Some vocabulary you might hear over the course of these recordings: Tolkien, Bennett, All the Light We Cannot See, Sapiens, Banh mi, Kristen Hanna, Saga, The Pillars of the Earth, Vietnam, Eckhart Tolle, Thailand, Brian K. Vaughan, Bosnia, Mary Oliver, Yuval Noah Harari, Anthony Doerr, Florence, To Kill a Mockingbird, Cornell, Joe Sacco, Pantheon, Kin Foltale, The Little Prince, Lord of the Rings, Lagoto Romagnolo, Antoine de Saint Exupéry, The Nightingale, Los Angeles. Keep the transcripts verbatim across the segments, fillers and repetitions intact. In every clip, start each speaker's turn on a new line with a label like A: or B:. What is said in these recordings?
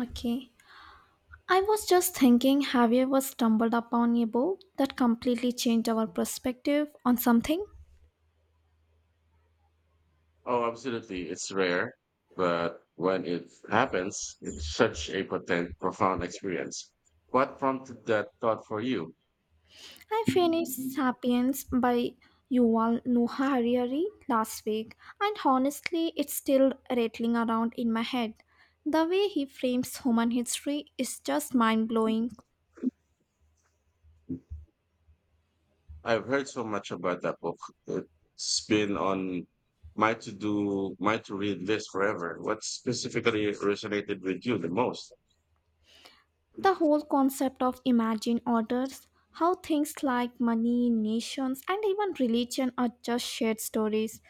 A: Okay. I was just thinking, have you ever stumbled upon a book that completely changed our perspective on something?
B: Oh, absolutely. It's rare, but when it happens, it's such a potent, profound experience. What prompted that thought for you?
A: I finished Sapiens by Yuval Noah Harari last week, and honestly, it's still rattling around in my head. The way he frames human history is just mind blowing.
B: I've heard so much about that book. It's been on my to do, my to read list forever. What specifically resonated with you the most?
A: The whole concept of imagine orders, how things like money, nations, and even religion are just shared stories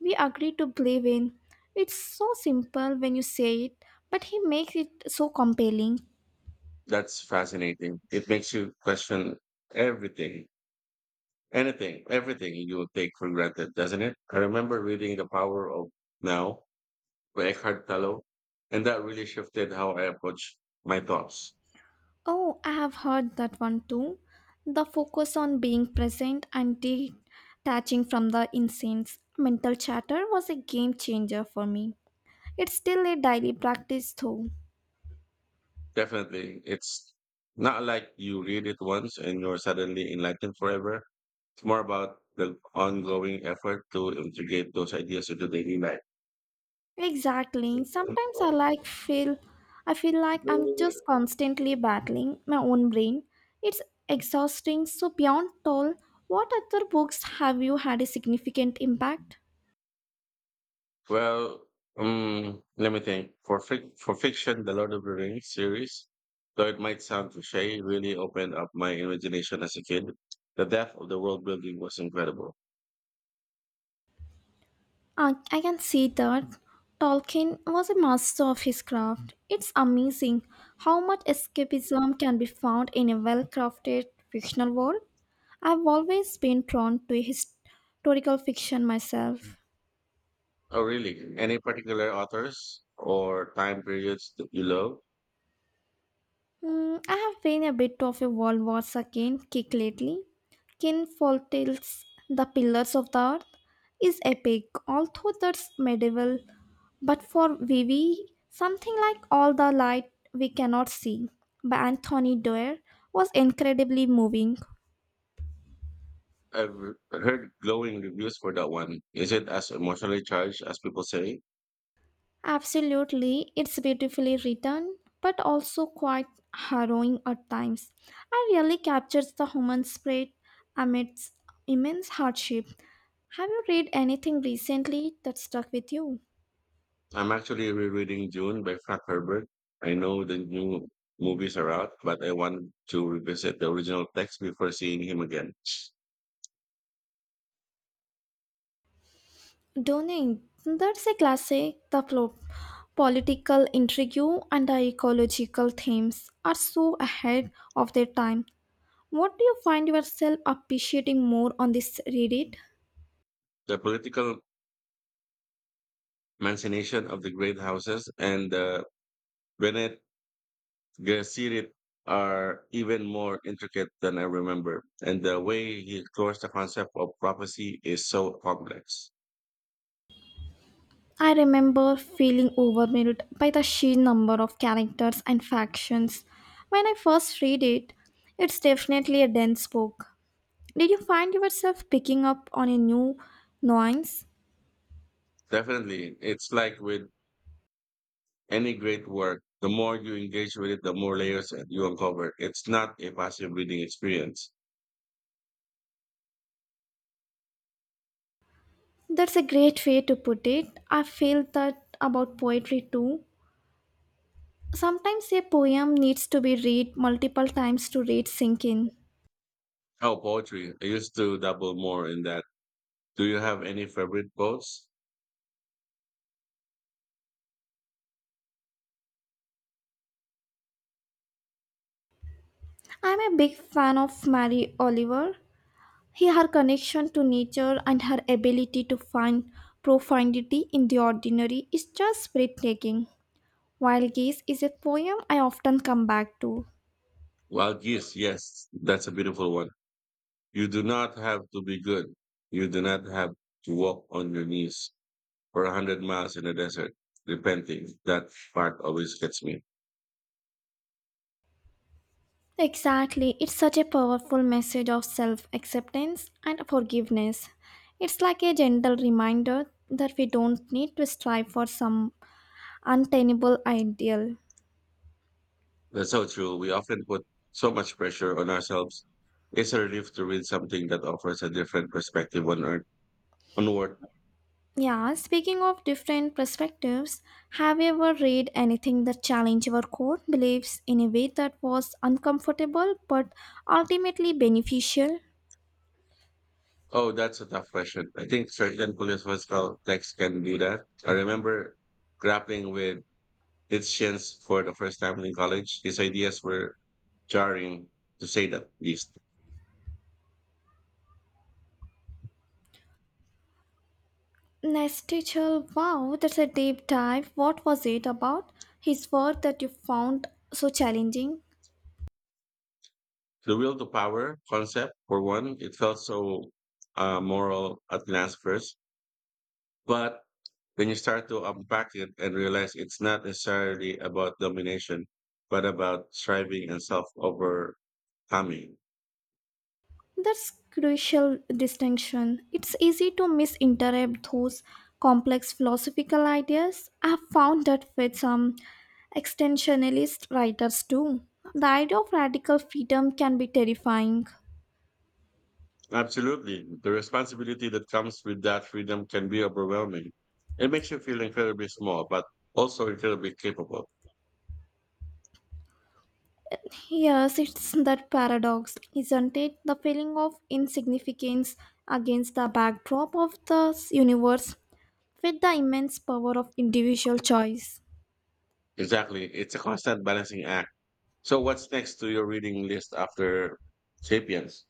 A: we agree to believe in. It's so simple when you say it, but he makes it so compelling.
B: That's fascinating. It makes you question everything, anything, everything you take for granted, doesn't it? I remember reading The Power of Now by Eckhart Tolle, and that really shifted how I approach my thoughts.
A: Oh, I have heard that one too. The focus on being present and detaching from the incense mental chatter was a game changer for me. It's still a daily practice though.
B: Definitely, it's not like you read it once and you're suddenly enlightened forever. It's more about the ongoing effort to integrate those ideas into daily life.
A: Exactly. Sometimes I like feel I feel like I'm just constantly battling my own brain. It's exhausting. So beyond toll, what other books have you had a significant impact?
B: Well, um, let me think. For fic- for fiction, the Lord of the Rings series, though it might sound cliche, really opened up my imagination as a kid. The depth of the world building was incredible.
A: I, I can see that Tolkien was a master of his craft. It's amazing how much escapism can be found in a well-crafted fictional world. I've always been drawn to his- historical fiction myself.
B: Oh, really? Any particular authors or time periods that you love?
A: Mm, I have been a bit of a World War two kick lately. Kin Foltale's The Pillars of the Earth is epic, although that's medieval. But for Vivi, something like All the Light We Cannot See by Anthony Doerr was incredibly moving.
B: I've heard glowing reviews for that one. Is it as emotionally charged as people say?
A: Absolutely, it's beautifully written, but also quite harrowing at times. It really captures the human spirit amidst immense hardship. Have you read anything recently that stuck with you?
B: I'm actually rereading June by Frank Herbert. I know the new movies are out, but I want to revisit the original text before seeing him again.
A: Dunning, that's a classic. The plo- political intrigue and the ecological themes are so ahead of their time. What do you find yourself appreciating more on this read it?
B: The political machination of the great houses and the Bennett the series are even more intricate than I remember, and the way he explores the concept of prophecy is so complex.
A: I remember feeling overwhelmed by the sheer number of characters and factions when I first read it. It's definitely a dense book. Did you find yourself picking up on a new nuance?
B: Definitely, it's like with any great work, the more you engage with it, the more layers that you uncover. It's not a passive reading experience.
A: That's a great way to put it. I feel that about poetry too. Sometimes a poem needs to be read multiple times to read sink in.
B: Oh, poetry. I used to dabble more in that. Do you have any favorite quotes?
A: I'm a big fan of Mary Oliver. He, her connection to nature and her ability to find profundity in the ordinary is just breathtaking. Wild Geese is a poem I often come back to.
B: Well, yes, yes, that's a beautiful one. You do not have to be good. You do not have to walk on your knees, or a hundred miles in the desert, repenting. That part always gets me.
A: Exactly, it's such a powerful message of self acceptance and forgiveness. It's like a gentle reminder that we don't need to strive for some untenable ideal.
B: That's so true. We often put so much pressure on ourselves. It's a relief to read something that offers a different perspective on earth, on work.
A: Yeah, speaking of different perspectives, have you ever read anything that challenged your core beliefs in a way that was uncomfortable but ultimately beneficial?
B: Oh, that's a tough question. I think certain philosophical texts can do that. I remember grappling with Nietzsche's for the first time in college. His ideas were jarring, to say the least.
A: Nestichel, wow, that's a deep dive. What was it about his work that you found so challenging?
B: The will to power concept, for one, it felt so uh, moral at glance first. But when you start to unpack it and realize it's not necessarily about domination, but about striving and self overcoming.
A: That's crucial distinction. It's easy to misinterpret those complex philosophical ideas. I've found that with some extensionalist writers too. The idea of radical freedom can be terrifying.
B: Absolutely. The responsibility that comes with that freedom can be overwhelming. It makes you feel incredibly small, but also incredibly capable.
A: Yes, it's that paradox, isn't it? The feeling of insignificance against the backdrop of the universe with the immense power of individual choice.
B: Exactly. It's a constant balancing act. So, what's next to your reading list after Sapiens?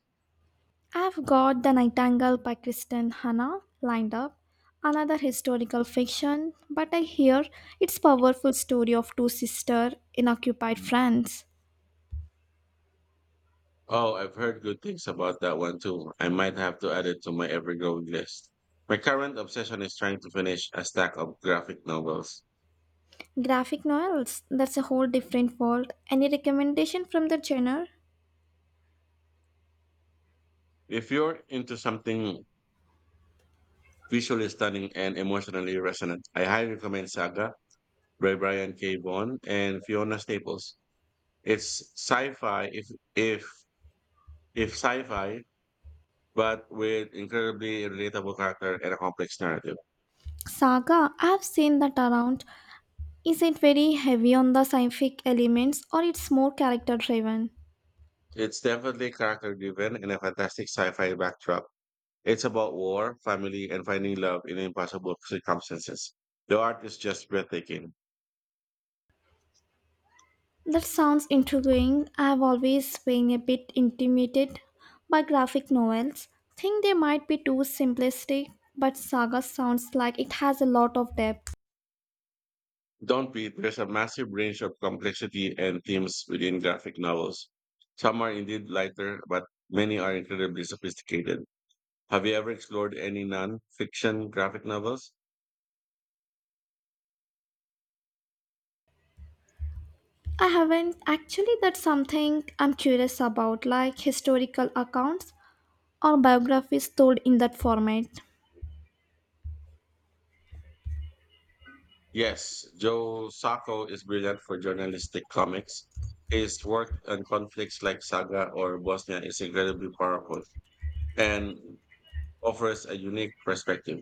A: I've got The Nightingale by Kristen Hanna lined up, another historical fiction, but I hear it's powerful story of two sisters in occupied France.
B: Oh, I've heard good things about that one too. I might have to add it to my ever-growing list. My current obsession is trying to finish a stack of graphic novels.
A: Graphic novels, that's a whole different world. Any recommendation from the genre?
B: If you're into something visually stunning and emotionally resonant, I highly recommend Saga by Brian K. Vaughan and Fiona Staples. It's sci-fi if if if sci-fi, but with incredibly relatable character and a complex narrative.
A: Saga, I've seen that around. Is it very heavy on the scientific elements or it's more character driven?
B: It's definitely character-driven and a fantastic sci-fi backdrop. It's about war, family, and finding love in impossible circumstances. The art is just breathtaking.
A: That sounds intriguing. I've always been a bit intimidated by graphic novels. Think they might be too simplistic, but Saga sounds like it has a lot of depth.
B: Don't beat, there's a massive range of complexity and themes within graphic novels. Some are indeed lighter, but many are incredibly sophisticated. Have you ever explored any non fiction graphic novels?
A: I haven't actually that's something I'm curious about, like historical accounts or biographies told in that format.
B: Yes, Joe Sacco is brilliant for journalistic comics. His work on conflicts like Saga or Bosnia is incredibly powerful and offers a unique perspective.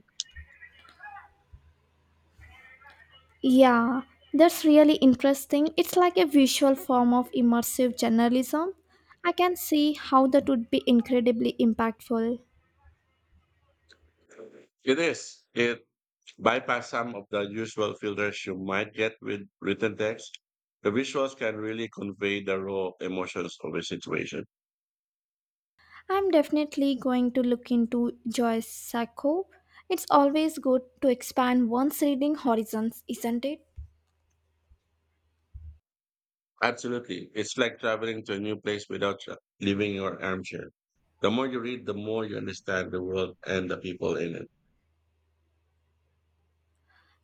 A: Yeah, that's really interesting. It's like a visual form of immersive journalism. I can see how that would be incredibly impactful.
B: It is. It bypass some of the usual filters you might get with written text. The visuals can really convey the raw emotions of a situation.
A: I'm definitely going to look into Joyce Sacco. It's always good to expand one's reading horizons, isn't it?
B: Absolutely. It's like traveling to a new place without tra- leaving your armchair. The more you read, the more you understand the world and the people in it.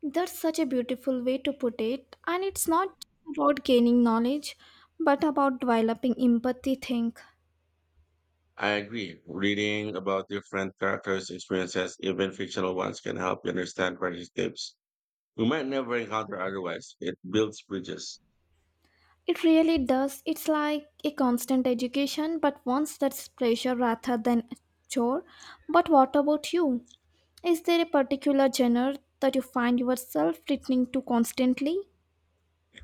A: That's such a beautiful way to put it, and it's not about gaining knowledge, but about developing empathy think.
B: I agree. Reading about different characters' experiences, even fictional ones, can help you understand where he lives. You might never encounter otherwise. It builds bridges.
A: It really does. It's like a constant education, but once that's pleasure rather than a chore. But what about you? Is there a particular genre that you find yourself returning to constantly?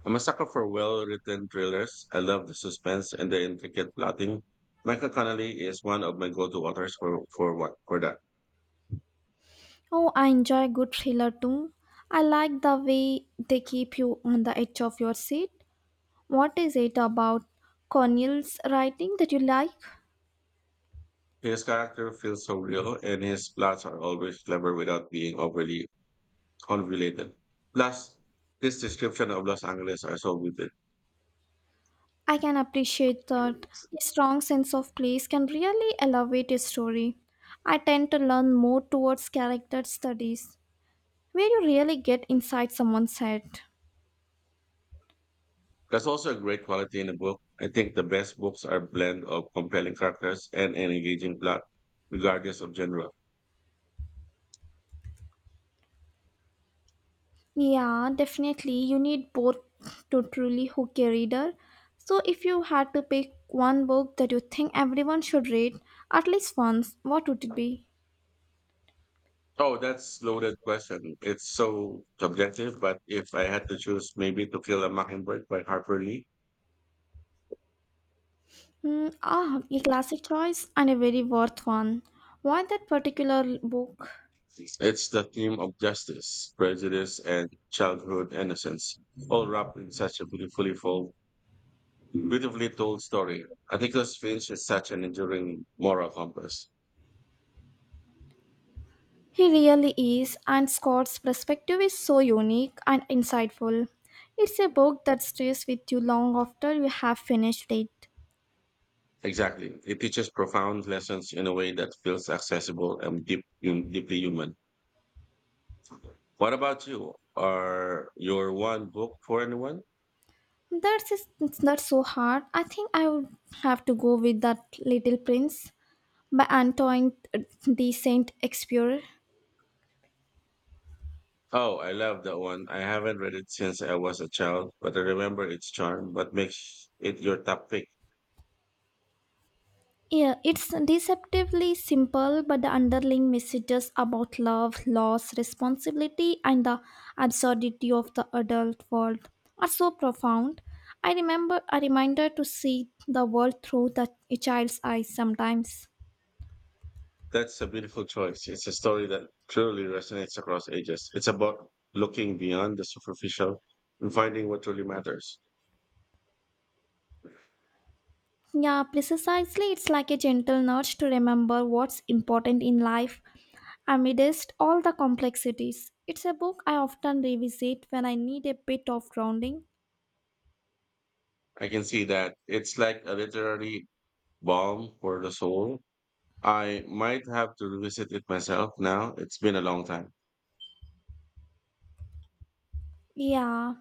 B: I'm a sucker for well written thrillers. I love the suspense and the intricate plotting. Michael Connelly is one of my go to authors for, for what for that.
A: Oh, I enjoy good thriller too. I like the way they keep you on the edge of your seat. What is it about Cornell's writing that you like?
B: His character feels so real and his plots are always clever without being overly convoluted. Plus, his description of Los Angeles are so vivid.
A: I can appreciate that a strong sense of place can really elevate a story. I tend to learn more towards character studies, where you really get inside someone's head.
B: That's also a great quality in a book. I think the best books are blend of compelling characters and an engaging plot, regardless of genre.
A: Yeah, definitely. You need both to truly hook a reader. So, if you had to pick one book that you think everyone should read at least once, what would it be?
B: Oh, that's loaded question. It's so subjective, but if I had to choose, maybe to kill a mockingbird by Harper Lee.
A: Hmm. Ah, a classic choice and a very worth one. Why that particular book?
B: It's the theme of justice, prejudice, and childhood innocence, all wrapped in such a beautifully full, beautifully told story. I think this Finch is such an enduring moral compass.
A: He really is, and Scott's perspective is so unique and insightful. It's a book that stays with you long after you have finished it.
B: Exactly. It teaches profound lessons in a way that feels accessible and deep, deeply human. What about you? Are your one book for anyone?
A: That's is- that's so hard. I think I would have to go with that Little Prince by Antoine de Saint Exupéry.
B: Oh, I love that one. I haven't read it since I was a child, but I remember its charm. What makes it your top pick?
A: Yeah, it's deceptively simple, but the underlying messages about love, loss, responsibility, and the absurdity of the adult world are so profound. I remember a reminder to see the world through the, a child's eyes sometimes.
B: That's a beautiful choice. It's a story that truly resonates across ages. It's about looking beyond the superficial and finding what truly matters.
A: Yeah, precisely. It's like a gentle nudge to remember what's important in life. Amidst all the complexities, it's a book I often revisit when I need a bit of grounding.
B: I can see that. It's like a literary balm for the soul. I might have to revisit it myself now. It's been a long time.
A: Yeah,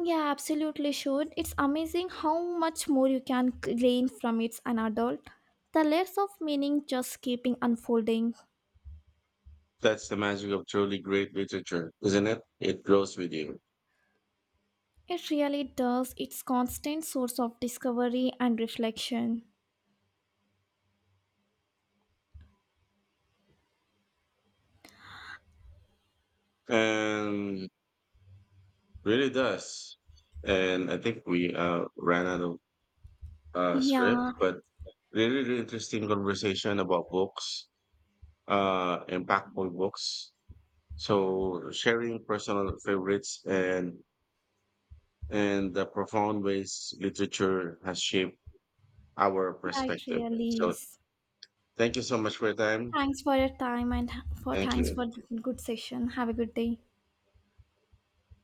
A: yeah, absolutely should. It's amazing how much more you can glean from it as an adult. The layers of meaning just keeping unfolding.
B: That's the magic of truly great literature, isn't it? It grows with you.
A: It really does. It's constant source of discovery and reflection.
B: And really does. And I think we uh, ran out of uh, script,
A: Yeah,
B: but really, really interesting conversation about books, uh, impactful books. So sharing personal favorites and and the profound ways literature has shaped our
A: yeah, it
B: perspective.
A: really
B: So
A: is.
B: thank you so much for your time.
A: Thanks for your time and for
B: Thank
A: thanks
B: you.
A: for the good session. Have a good day.